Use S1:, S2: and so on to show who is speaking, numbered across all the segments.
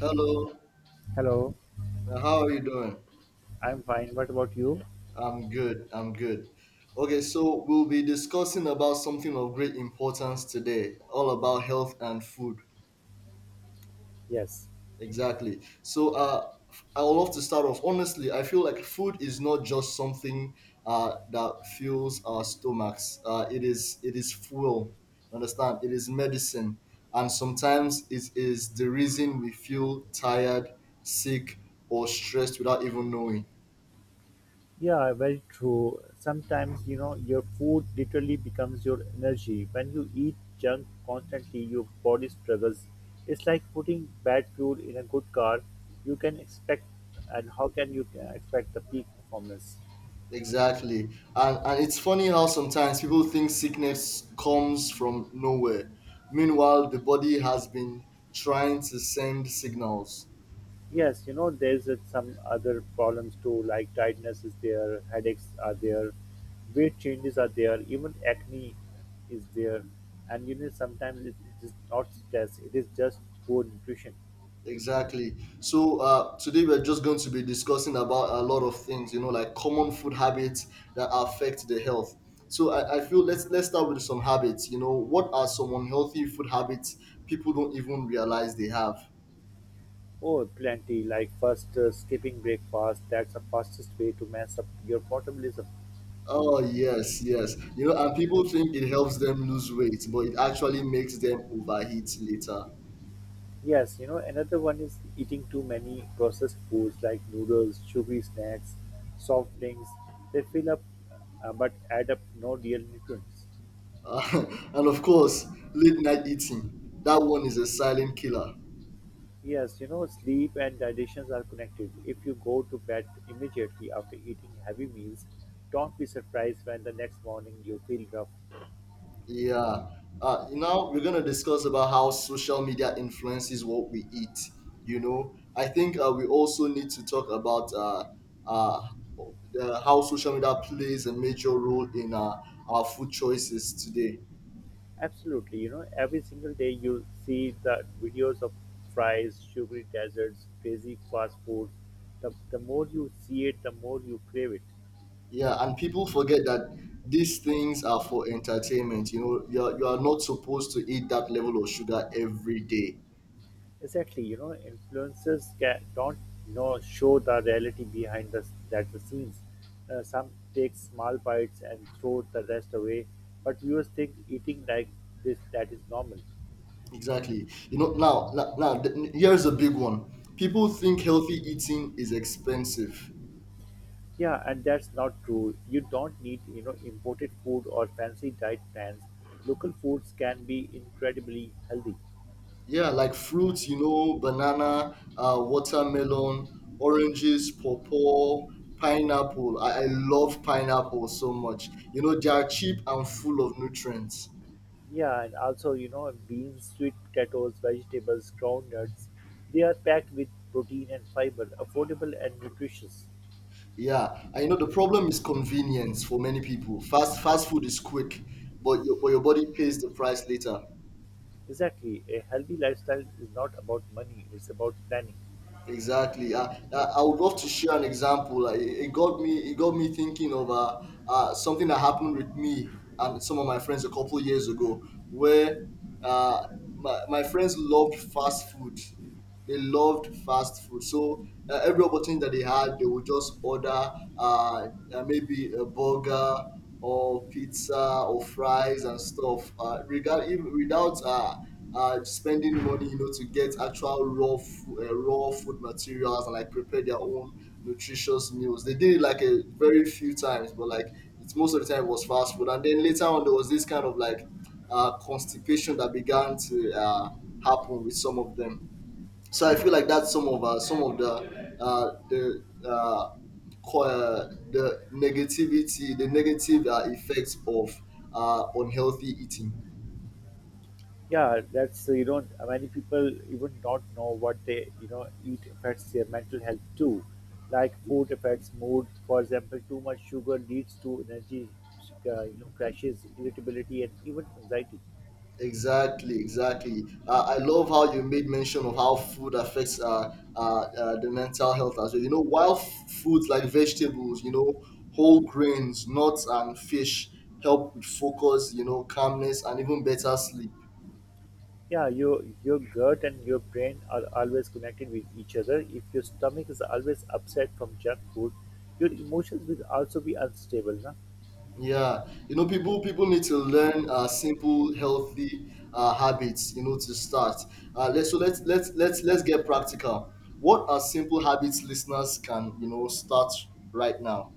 S1: Hello,
S2: Hello,
S1: how are you doing?
S2: I'm fine. What about you?
S1: I'm good. I'm good. Okay, so we'll be discussing about something of great importance today, all about health and food.
S2: Yes.
S1: Exactly. I would love to start off. Honestly, I feel like food is not just something that fuels our stomachs. It is fuel. Understand? It is medicine, and sometimes it is the reason we feel tired, sick, or stressed without even knowing.
S2: Yeah, very true. Sometimes, you know, your food literally becomes your energy. When you eat junk constantly, your body struggles. It's like putting bad fuel in a good car. You can expect, and how can you expect the peak performance?
S1: Exactly. And it's funny how sometimes people think sickness comes from nowhere. Meanwhile, the body has been trying to send signals.
S2: Yes, you know, there's some other problems too, like tiredness is there, headaches are there, weight changes are there, even acne is there. And you know, sometimes it is not stress, it is just poor nutrition.
S1: Exactly. So today we're just going to be discussing about a lot of things, you know, like common food habits that affect the health. So I feel let's start with some habits. You know, what are some unhealthy food habits people don't even realize they have?
S2: Oh, plenty, like first skipping breakfast, that's the fastest way to mess up your metabolism.
S1: Oh yes, yes. You know, and people think it helps them lose weight, but it actually makes them overheat later.
S2: Yes, you know, another one is eating too many processed foods like noodles, sugary snacks, soft drinks. They fill up but add up no real nutrients.
S1: Uh, and of course, late night eating. That one is a silent killer.
S2: Yes, you know, sleep and digestions are connected. If you go to bed immediately after eating heavy meals, don't be surprised when the next morning you feel rough.
S1: Yeah. Now we're gonna discuss about how social media influences what we eat. You know, I think we also need to talk about uh, how social media plays a major role in our food choices today.
S2: Absolutely, you know, every single day you see the videos of fries, sugary desserts, crazy fast food. The more you see it, the more you crave it.
S1: Yeah, and people forget that these things are for entertainment. You are not supposed to eat that level of sugar every day.
S2: Exactly, you know, influencers ca don't know show the reality behind the that the scenes. Some take small bites and throw the rest away, but viewers think eating like this that is normal.
S1: Exactly. You know, here's a big one. People think healthy eating is expensive.
S2: Yeah, and that's not true. You don't need you know imported food or fancy diet plans. Local foods can be incredibly healthy.
S1: Yeah, like fruits, you know, banana, watermelon, oranges, pawpaw, pineapple. I love pineapple so much. You know, they are cheap and full of nutrients.
S2: Yeah, and also you know beans, sweet potatoes, vegetables, groundnuts. They are packed with protein and fiber, affordable and nutritious.
S1: Yeah, I know the problem is convenience for many people. Fast food is quick, but your body pays the price later.
S2: Exactly. A healthy lifestyle is not about money, it's about planning.
S1: Exactly. I would love to share an example. Like, it got me. It got me thinking of something that happened with me and some of my friends a couple years ago, where uh, my friends loved fast food. They loved fast food. So every opportunity that they had, they would just order maybe a burger or pizza or fries and stuff. Regard even without spending money, you know, to get actual raw food materials and like prepare their own nutritious meals. They did it like a very few times, but like it's most of the time it was fast food. And then later on, there was this kind of like constipation that began to happen with some of them. So I feel like that's some of the co- the negativity, the negative effects of unhealthy eating.
S2: Yeah, that's you know many people even don't know what they you know eat affects their mental health too, like food affects mood. For example, too much sugar leads to energy you know crashes, irritability, and even anxiety.
S1: Exactly, exactly. I love how you made mention of how food affects the mental health as well. You know, while foods like vegetables, you know, whole grains, nuts, and fish help with focus, you know, calmness, and even better sleep.
S2: Yeah, your gut and your brain are always connected with each other. If your stomach is always upset from junk food, your emotions will also be unstable. Na?
S1: Yeah, you know, people need to learn simple, healthy habits. You know, to start. Let's so let's get practical. What are simple habits listeners can you know start right now?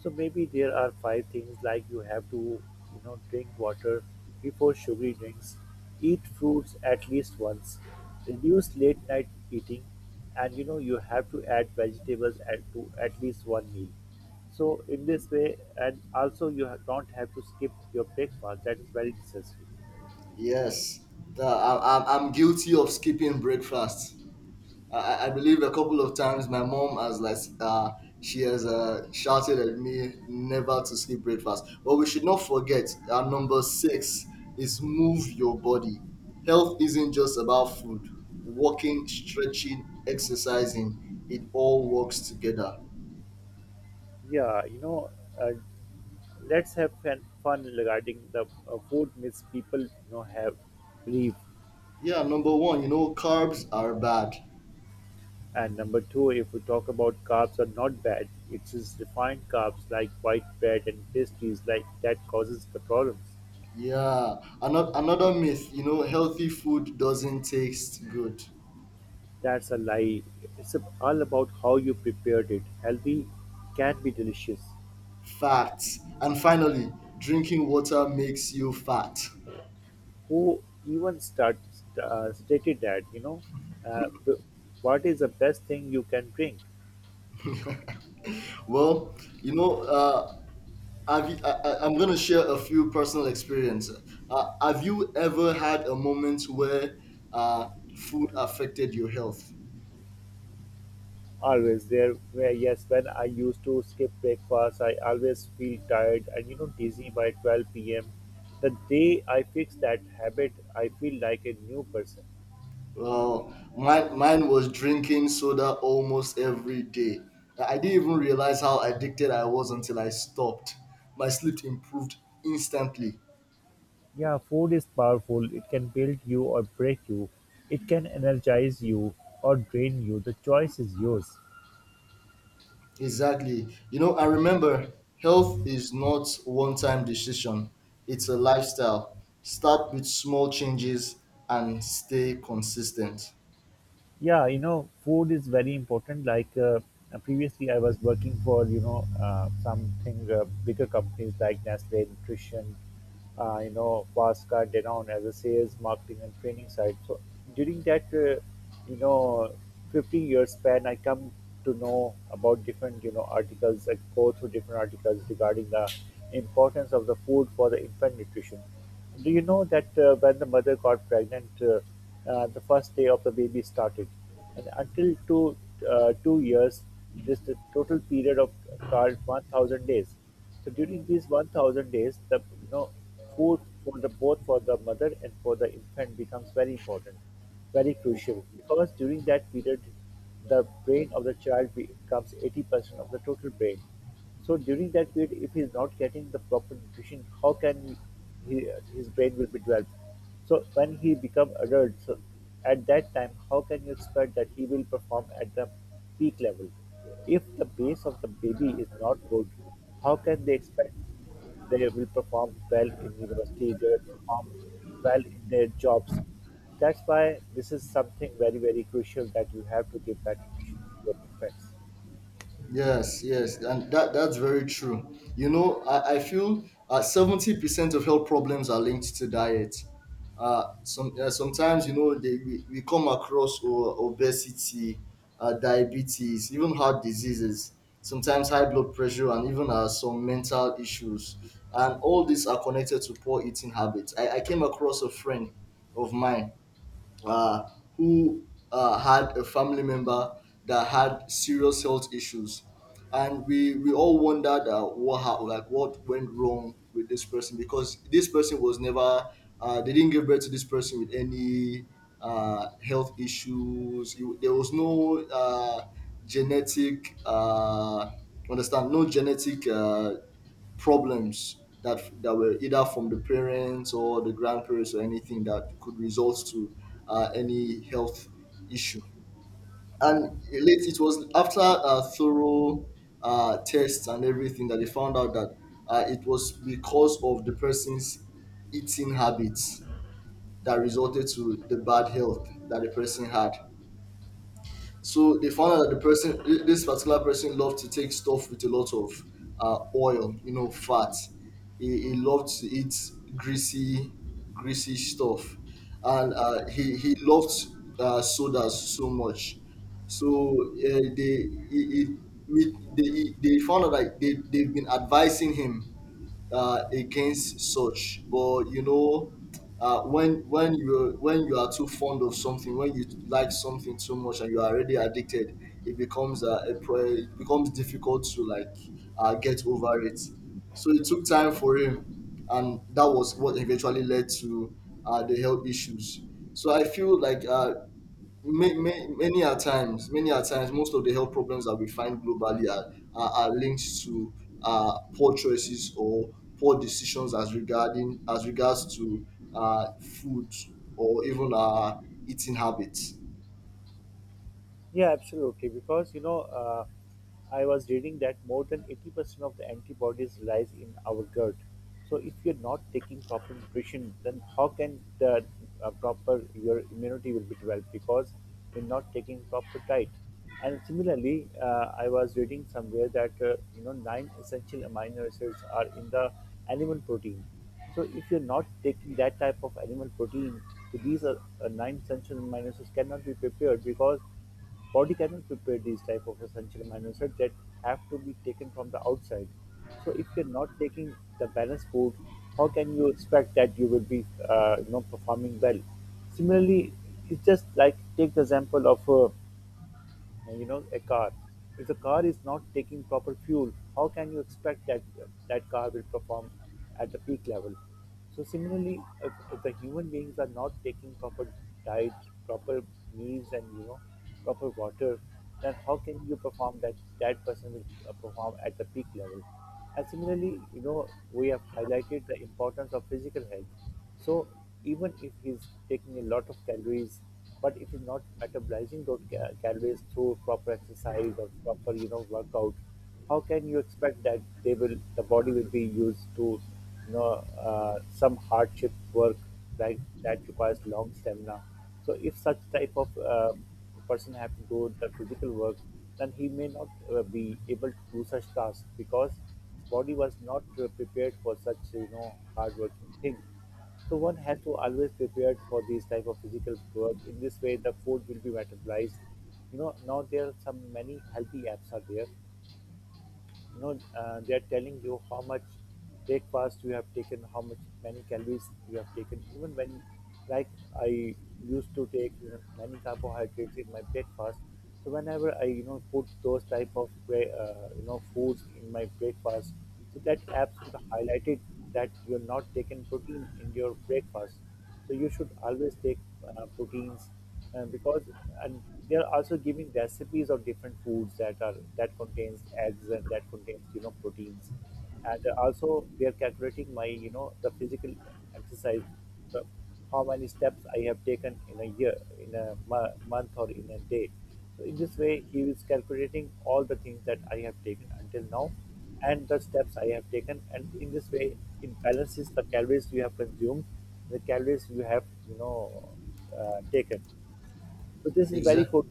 S2: So maybe there are five things like you have to, you know, drink water before sugary drinks, eat fruits at least once, reduce late night eating, and you know you have to add vegetables at to at least one meal. So in this way, and also you ha- don't have to skip your breakfast. That is very necessary.
S1: Yes. I'm guilty of skipping breakfast. I believe a couple of times my mom has she has shouted at me never to skip breakfast. But we should not forget our number six is move your body. Health isn't just about food. Walking, stretching, exercising, it all works together.
S2: Yeah, you know, uh, let's have fun, fun regarding the food myths people you know have believe.
S1: Yeah, number one, you know, carbs are bad.
S2: And number two, if we talk about carbs are not bad, it's refined carbs like white bread and pastries like that causes the problems.
S1: Yeah, another myth, you know, healthy food doesn't taste good.
S2: That's a lie. It's all about how you prepared it. Healthy can be delicious.
S1: Facts. And finally, drinking water makes you fat.
S2: Who even start, stated that, you know? Uh, what is the best thing you can drink?
S1: Well, you know, uh, I'm going to share a few personal experiences. Have you ever had a moment where uh, food affected your health?
S2: Always there where yes, when I used to skip breakfast, I always feel tired and you know dizzy by 12 p.m. The day I fix that habit, I feel like a new person.
S1: Well, mine was drinking soda almost every day. I didn't even realize how addicted I was until I stopped. My sleep improved instantly.
S2: Yeah, food is powerful. It can build you or break you. It can energize you or drain you. The choice is yours.
S1: Exactly. You know, I remember health is not one time decision, it's a lifestyle. Start with small changes and stay consistent.
S2: Yeah, you know, food is very important. Like previously I was working for you know something bigger companies like Nestle Nutrition, you know Pasca Denon, as a sales marketing and training side. So during that you know 15 years span, I come to know about different you know articles. I go through different articles regarding the importance of the food for the infant nutrition. Do you know that when the mother got pregnant, the first day of the baby started, and until 2 years, this the total period of called 1,000 days. So during these 1,000 days, the you know food for the both for the mother and for the infant becomes very important, very crucial, because during that period, the brain of the child becomes 80% of the total brain. So during that period, if he's not getting the proper nutrition, how can he his brain will be developed? So when he become adult, so at that time, how can you expect that he will perform at the peak level? If the base of the baby is not good, how can they expect they will perform well in university, they will perform well in their jobs? That's why this is something very, very crucial that you have to give that nutrition to your infants.
S1: Yes, yes, and that that's very true. You know, I feel 70% of health problems are linked to diet. Sometimes you know we come across obesity, diabetes, even heart diseases. Sometimes high blood pressure and even some mental issues, and all these are connected to poor eating habits. I came across a friend of mine uh, who had a family member that had serious health issues, and we all wondered what how, like what went wrong with this person because this person was never they didn't give birth to this person with any health issues. You, there was no genetic. Understand no genetic problems that were either from the parents or the grandparents or anything that could result to any health issue. And late it was after a thorough tests and everything that they found out that it was because of the person's eating habits that resulted to the bad health that the person had. So they found out that this particular person, loved to take stuff with a lot of oil, you know, fat. He loved to eat greasy, greasy stuff, and he loved sodas so much. So they he, we, they he- they found out that they've been advising him against such but you know when you are too fond of something when you like something too much and you are already addicted, it becomes it becomes difficult to like get over it. So it took time for him, and that was what eventually led to the health issues. So I feel like many a times, most of the health problems that we find globally are linked to poor choices or poor decisions as regards to food or even our eating habits.
S2: Yeah, absolutely. Because you know, I was reading that more than 80% of the antibodies lies in our gut. So if you're not taking proper nutrition, then how can the proper your immunity will be developed, because you're not taking proper diet. And similarly, I was reading somewhere that you know nine essential amino acids are in the animal protein. So if you're not taking that type of animal protein, so these are nine essential amino acids cannot be prepared, because body cannot prepare these type of essential amino acids that have to be taken from the outside. So if you're not taking the balanced food, how can you expect that you will be you know performing well? Similarly, it's just like take the example of you know a car. If the car is not taking proper fuel, how can you expect that that car will perform at the peak level? So similarly, if the human beings are not taking proper diet, proper meals, and you know proper water, then how can you perform that that person will perform at the peak level? And similarly, you know, we have highlighted the importance of physical health. So even if he's taking a lot of calories, but if he's not metabolizing those ca- calories through proper exercise or proper, you know, workout, how can you expect that they will, the body will be used to, you know, some hardship work like that requires long stamina. So if such type of person have to do the physical work, then he may not be able to do such tasks, because body was not prepared for such you know hard working thing. So one has to always prepare for these type of physical work. In this way the food will be metabolized. You know, now there are some many healthy apps are there. You know they are telling you how much breakfast you have taken, how much many calories you have taken. Even when like I used to take you know many carbohydrates in my breakfast, so whenever I you know put those type of you know foods in my breakfast, so that apps will highlighted that you're not taking protein in your breakfast. So you should always take proteins, because and they are also giving recipes of different foods that are that contains eggs and that contains you know proteins, and also they are calculating my you know the physical exercise, the, how many steps I have taken in a year, in a mo- month, or in a day. So in this way, he is calculating all the things that I have taken until now, and the steps I have taken, and in this way, it balances the calories you have consumed the calories you have, you know, taken. So this is very
S1: Exactly.
S2: good.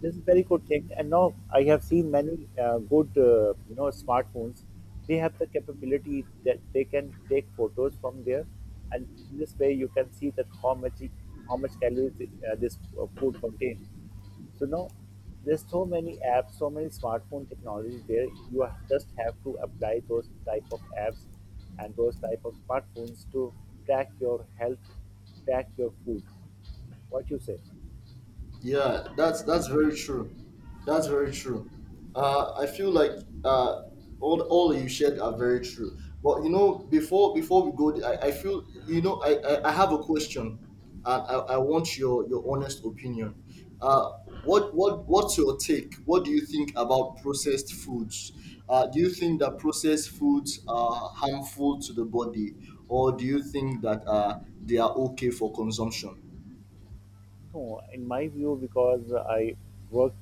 S2: This is very good thing. And now I have seen many good, you know, smartphones. They have the capability that they can take photos from there, and in this way you can see that how much calories this food contains. So now there's so many apps, so many smartphone technologies there. You ha- just have to apply those type of apps and those type of smartphones to track your health, track your food. What you say?
S1: Yeah, that's very true. That's very true. I feel like uh, all you shared are very true. But you know, before we go, I feel you know I have a question, and I want your honest opinion. Uh, what's your take? What do you think about processed foods? Do you think that processed foods are harmful to the body, or do you think that they are okay for consumption?
S2: No, in my view, because I work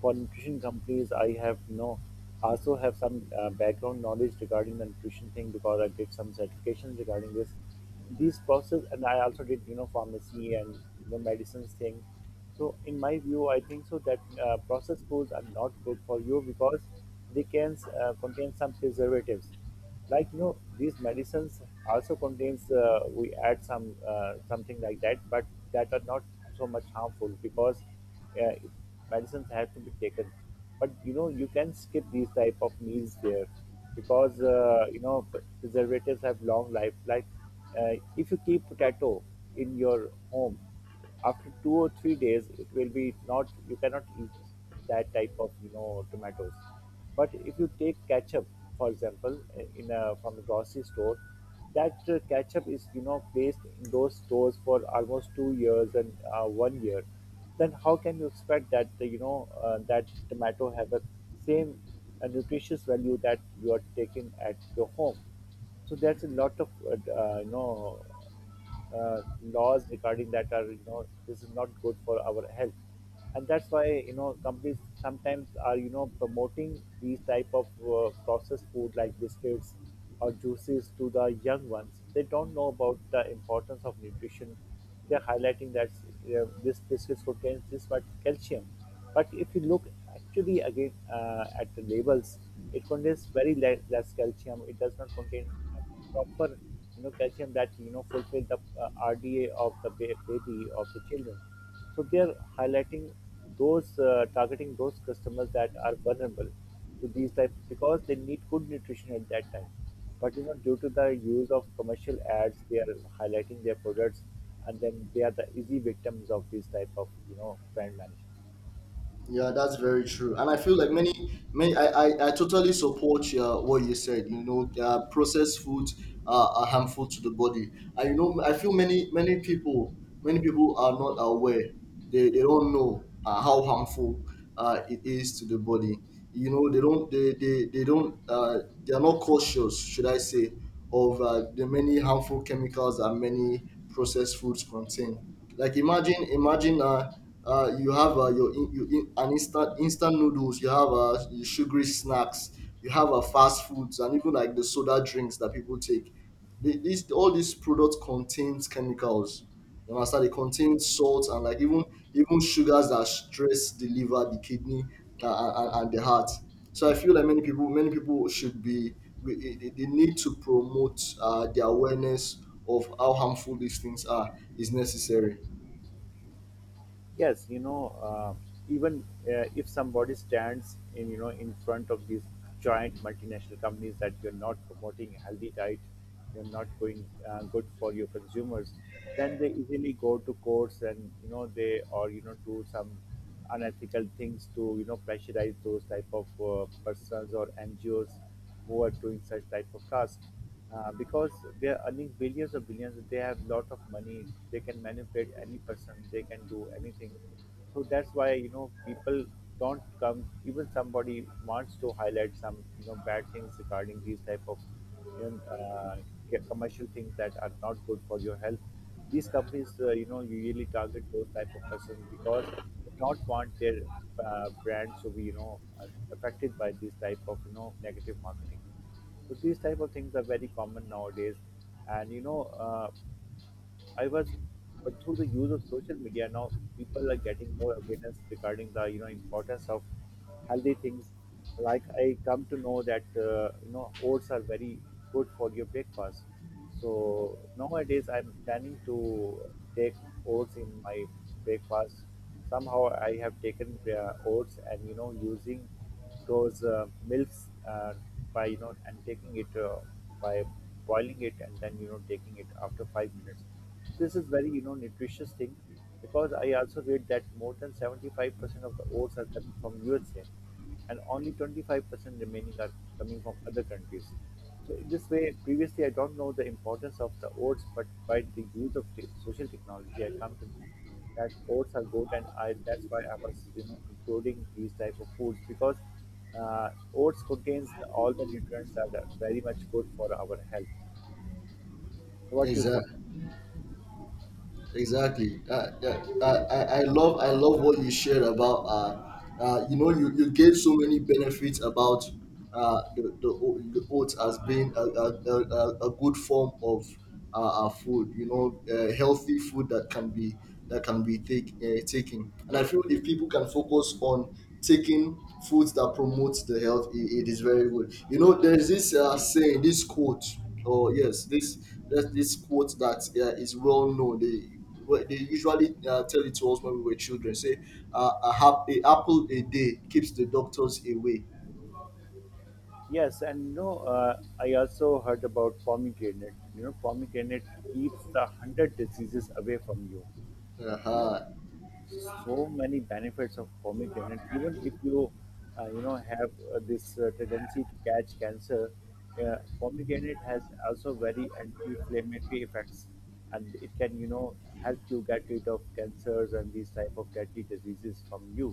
S2: for nutrition companies, I have no also have some background knowledge regarding the nutrition thing, because I did some certifications regarding this these process, and I also did you know pharmacy and you know medicines thing. So in my view, I think so that processed foods are not good for you because they can contain some preservatives like you know these medicines also contains we add some something like that, but that are not so much harmful because uh, medicines have to be taken. But you know, you can skip these type of meals there because you know, preservatives have long life. Like if you keep potato in your home after 2 or 3 days it will be not, you cannot eat that type of you know tomatoes. But if you take ketchup for example, in a from a grocery store, that ketchup is you know placed in those stores for almost 2 years and 1 year, then how can you expect that you know, that tomato have a same nutritious value that you are taking at your home? So there's a lot of you know, laws regarding that, are you know, this is not good for our health. And that's why, you know, companies sometimes are you know promoting these type of processed food like biscuits or juices to the young ones. They don't know about the importance of nutrition. They're highlighting that this biscuits contains this much calcium, but if you look actually again at the labels, it contains very less calcium. It does not contain proper you know calcium that you know fulfill the RDA of the baby of the children. So they are highlighting those, targeting those customers that are vulnerable to these types because they need good nutrition at that time. But you know, due to the use of commercial ads, they are highlighting their products, and then they are the easy victims of these type of you know brand management.
S1: Yeah, that's very true, and I feel like I totally support what you said. You know, processed foods are harmful to the body. And you know, I feel many people are not aware. They don't know how harmful it is to the body. You know, they don't. They are not cautious, should I say, of the many harmful chemicals that many processed foods contain. Like imagine. You have your in, you in, an instant noodles. You have your sugary snacks. You have fast foods and even like the soda drinks that people take. This all these products contains chemicals. You understand? They contain salt and like even sugars that stress the liver, the kidney, and the heart. So I feel like many people should be they need to promote the awareness of how harmful these things are is necessary.
S2: Yes, you know, even if somebody stands in you know in front of these giant multinational companies that you're not promoting healthy diet, you're not going good for your consumers, then they easily go to courts and you know they, or you know do some unethical things to you know pressurize those type of persons or NGOs who are doing such type of tasks, because they are earning billions of billions, they have lot of money, they can manipulate any person, they can do anything. So that's why you know people don't come, even somebody wants to highlight some you know bad things regarding these type of you know, get commercial things that are not good for your health. These companies, you know, usually target those type of persons because they don't want their brands to be, you know, affected by this type of, you know, negative marketing. So these type of things are very common nowadays, and you know, I was, but through the use of social media now, people are getting more awareness regarding the you know importance of healthy things. Like, I come to know that you know oats are very good for your breakfast. So nowadays I'm planning to take oats in my breakfast. Somehow I have taken oats and you know using those milks, by you know and taking it by boiling it and then you know taking it after 5 minutes. This is very you know nutritious thing because I also read that more than 75% of the oats are coming from USA, and only 25% remaining are coming from other countries. So in this way, previously I don't know the importance of the oats, but by the use of social technology, I come to know that oats are good, and I that's why I was you know including these type of foods because oats contains the, all the nutrients that are very much good for our health. What you say?
S1: Exactly. Exactly. I love what you shared about. You gave so many benefits about the oats as being a good form of food. You know, healthy food that can be taken. And I feel if people can focus on taking foods that promotes the health, it is very good. You know, there's this saying, this quote. Oh yes, this quote that is well known. They Well, they usually tell it to us when we were children. Say, a apple a day keeps the doctors away.
S2: Yes, and no, I also heard about pomegranate. You know, pomegranate keeps the hundred diseases away from you. You know,
S1: Uh-huh.
S2: so many benefits of pomegranate. Even if you you know have this tendency to catch cancer, pomegranate has also very anti-inflammatory effects, and it can you know help you get rid of cancers and these type of deadly diseases from you.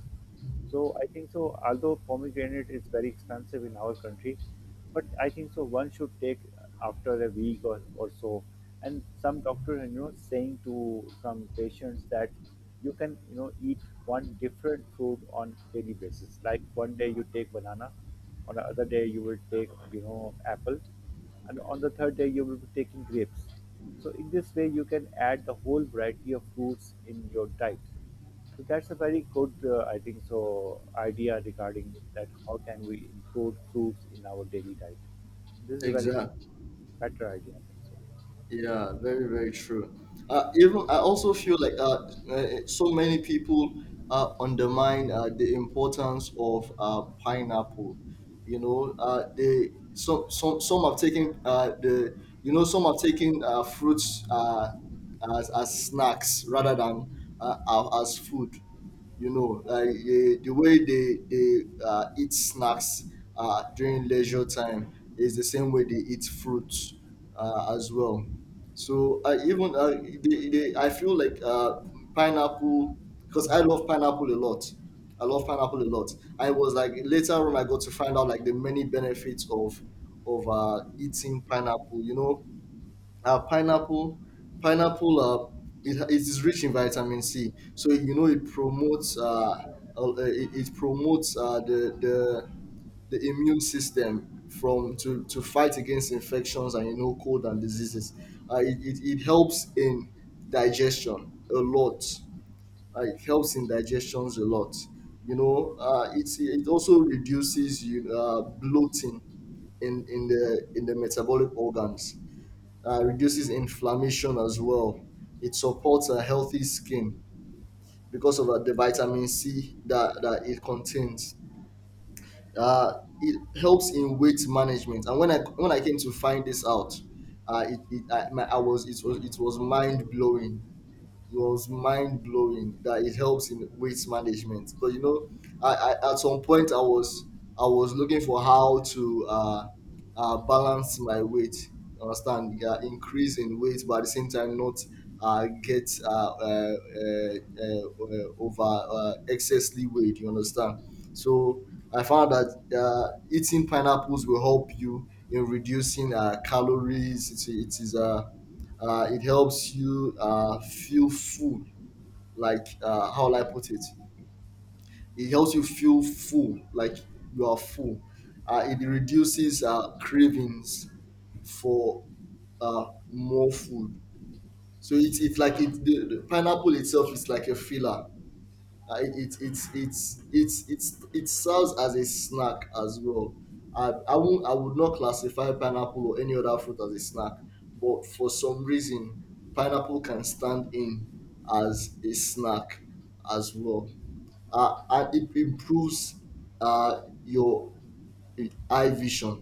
S2: So I think so, although pomegranate is very expensive in our country, but I think so one should take after a week or so. And some doctor, you know, saying to some patients that you can, you know, eat one different fruit on daily basis. Like, one day you take banana, on the other day you will take, you know, apple, and on the third day you will be taking grapes. So in this way you can add the whole variety of fruits in your diet. So that's a very good, I think so, idea regarding that how can we include fruits in our daily diet. This is a very
S1: Exactly.
S2: better idea, I think so.
S1: Yeah, very, very true. Even I also feel like so many people undermine the importance of pineapple. You know, they some have taken the you know some have taken fruits, as snacks rather than as food, you know, like the way they eat snacks during leisure time is the same way they eat fruits as well. So I even I feel like pineapple, because I love pineapple a lot. I love pineapple a lot. I was like, later on I got to find out like the many benefits of eating pineapple. Uh, pineapple. It is rich in vitamin C, so you know it promotes it promotes the the immune system from to fight against infections and, you know, cold and diseases. It helps in digestion a lot. It helps in digestions a lot, you know. It also reduces you bloating in the metabolic organs. Reduces inflammation as well. It supports a healthy skin because of the vitamin C that it contains. Uh, it helps in weight management. And when I came to find this out, it, it I, my, I was it was it was mind blowing. It was mind blowing that it helps in waste management. But you know, I, I at some point I was looking for how to balance my weight. Understand? Yeah, increase in weight, but at the same time not get over excessively weight. You understand? So I found that eating pineapples will help you in reducing calories. It is a it helps you feel full, like how will I put it? It helps you feel full, like you are full. It reduces cravings for more food. So it's like the pineapple itself is like a filler. It, it, it's it serves as a snack as well. I would not classify pineapple or any other fruit as a snack, but for some reason, pineapple can stand in as a snack as well. And it improves your eye vision.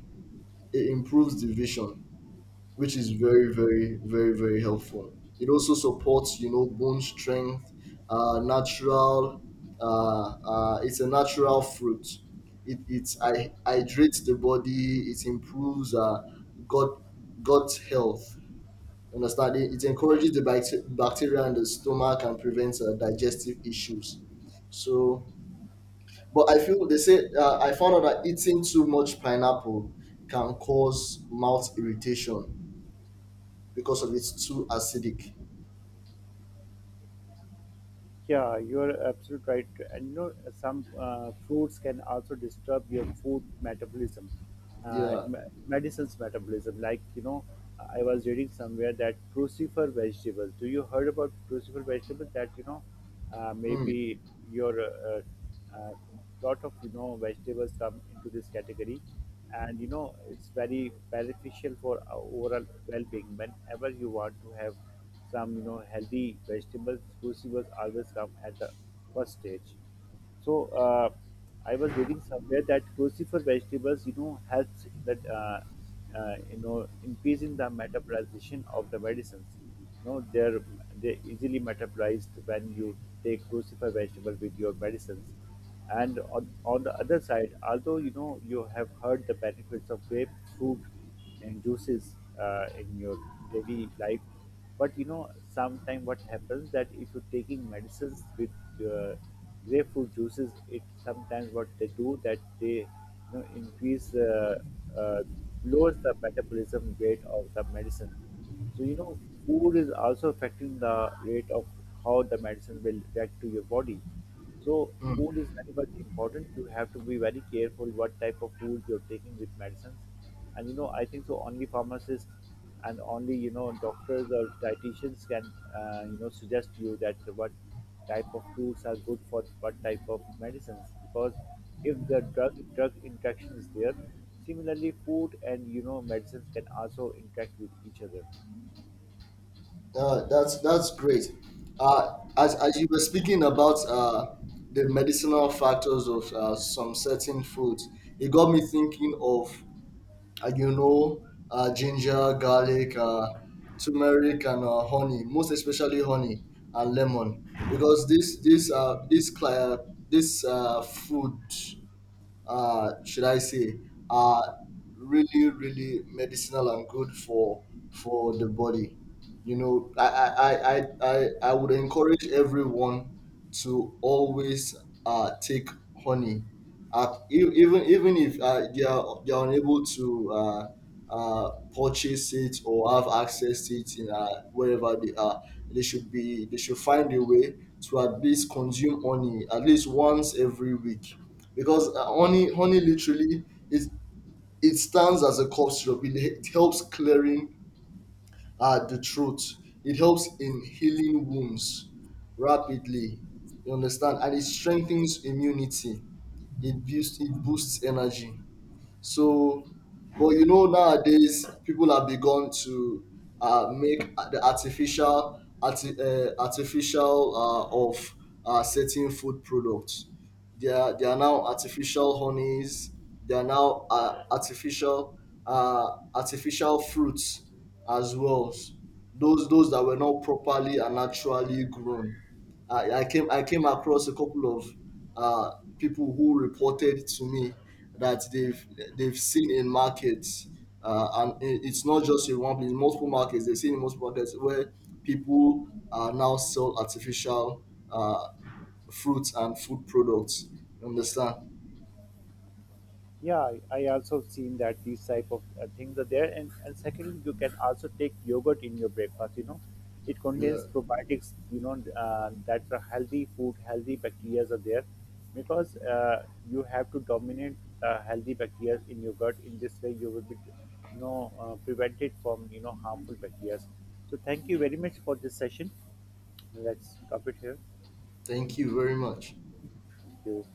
S1: It improves the vision, which is very, very, very, very helpful. It also supports, you know, bone strength, natural. It's a natural fruit. It it's I hydrates the body. It improves gut gut health. Understand? It encourages the bacteria in the stomach and prevents digestive issues. So, but I feel they say I found out that eating too much pineapple can cause mouth irritation because of it's too acidic.
S2: Yeah, you're absolutely right. And you know, some fruits can also disturb your food metabolism, uh,
S1: Yeah.
S2: me- medicines metabolism. Like you know, I was reading somewhere that crucifer vegetables. Do you heard about crucifer vegetables? That you know,
S1: Mm.
S2: maybe your uh, lot of you know vegetables come into this category, and you know it's very beneficial for our overall well-being. Whenever you want to have some you know healthy vegetables, crucibles always come at the first stage. So I was reading somewhere that crucifer vegetables, you know, helps in that you know increasing the metabolization of the medicines. No, they're easily metabolized when you take crucifer vegetable with your medicines. And on the other side, although you know you have heard the benefits of grapefruit and juices in your daily life, but you know sometimes what happens that if you're taking medicines with uh, grapefruit juices, it sometimes, what they do that they you know increase the uh, lowers the metabolism rate of the medicine. So you know, food is also affecting the rate of how the medicine will react to your body. So food is very much important. You have to be very careful what type of food you're taking with medicines. And you know, I think so only pharmacists and only you know doctors or dietitians can you know suggest you that what type of foods are good for what type of medicines, because if the drug interaction is there, similarly food and you know medicines can also interact with each other.
S1: That's great. As you were speaking about the medicinal factors of some certain foods, it got me thinking of, you know, ginger, garlic, turmeric, and honey, most especially honey and lemon, because this food, should I say, are really, really medicinal and good for the body. You know, I would encourage everyone to always take honey. Even if they are unable to purchase it or have access to it in wherever they are, they should find a way to at least consume honey at least once every week, because honey literally is it stands as a cough syrup. It helps clearing the throat. It helps in healing wounds rapidly, you understand, and it strengthens immunity. It boosts energy. So, but you know, nowadays people have begun to make the artificial of certain food products. They are now artificial honeys. They are now artificial, uh, artificial fruits as well. Those that were not properly and naturally grown. I came across a couple of uh, people who reported to me that they've seen in markets, and it's not just in one place, multiple markets. They've seen in multiple markets where people now sell artificial uh, fruits and food products. You understand?
S2: Yeah, I also seen that these type of things are there. And secondly, you can also take yogurt in your breakfast, you know. It
S1: Yeah.
S2: contains probiotics, you know, that are healthy food, healthy bacteria are there, because you have to dominate healthy bacteria in your gut. In this way you will be you know prevented from you know harmful bacteria. So thank you very much for this session. Let's stop it here.
S1: Thank you very much.
S2: Thank you.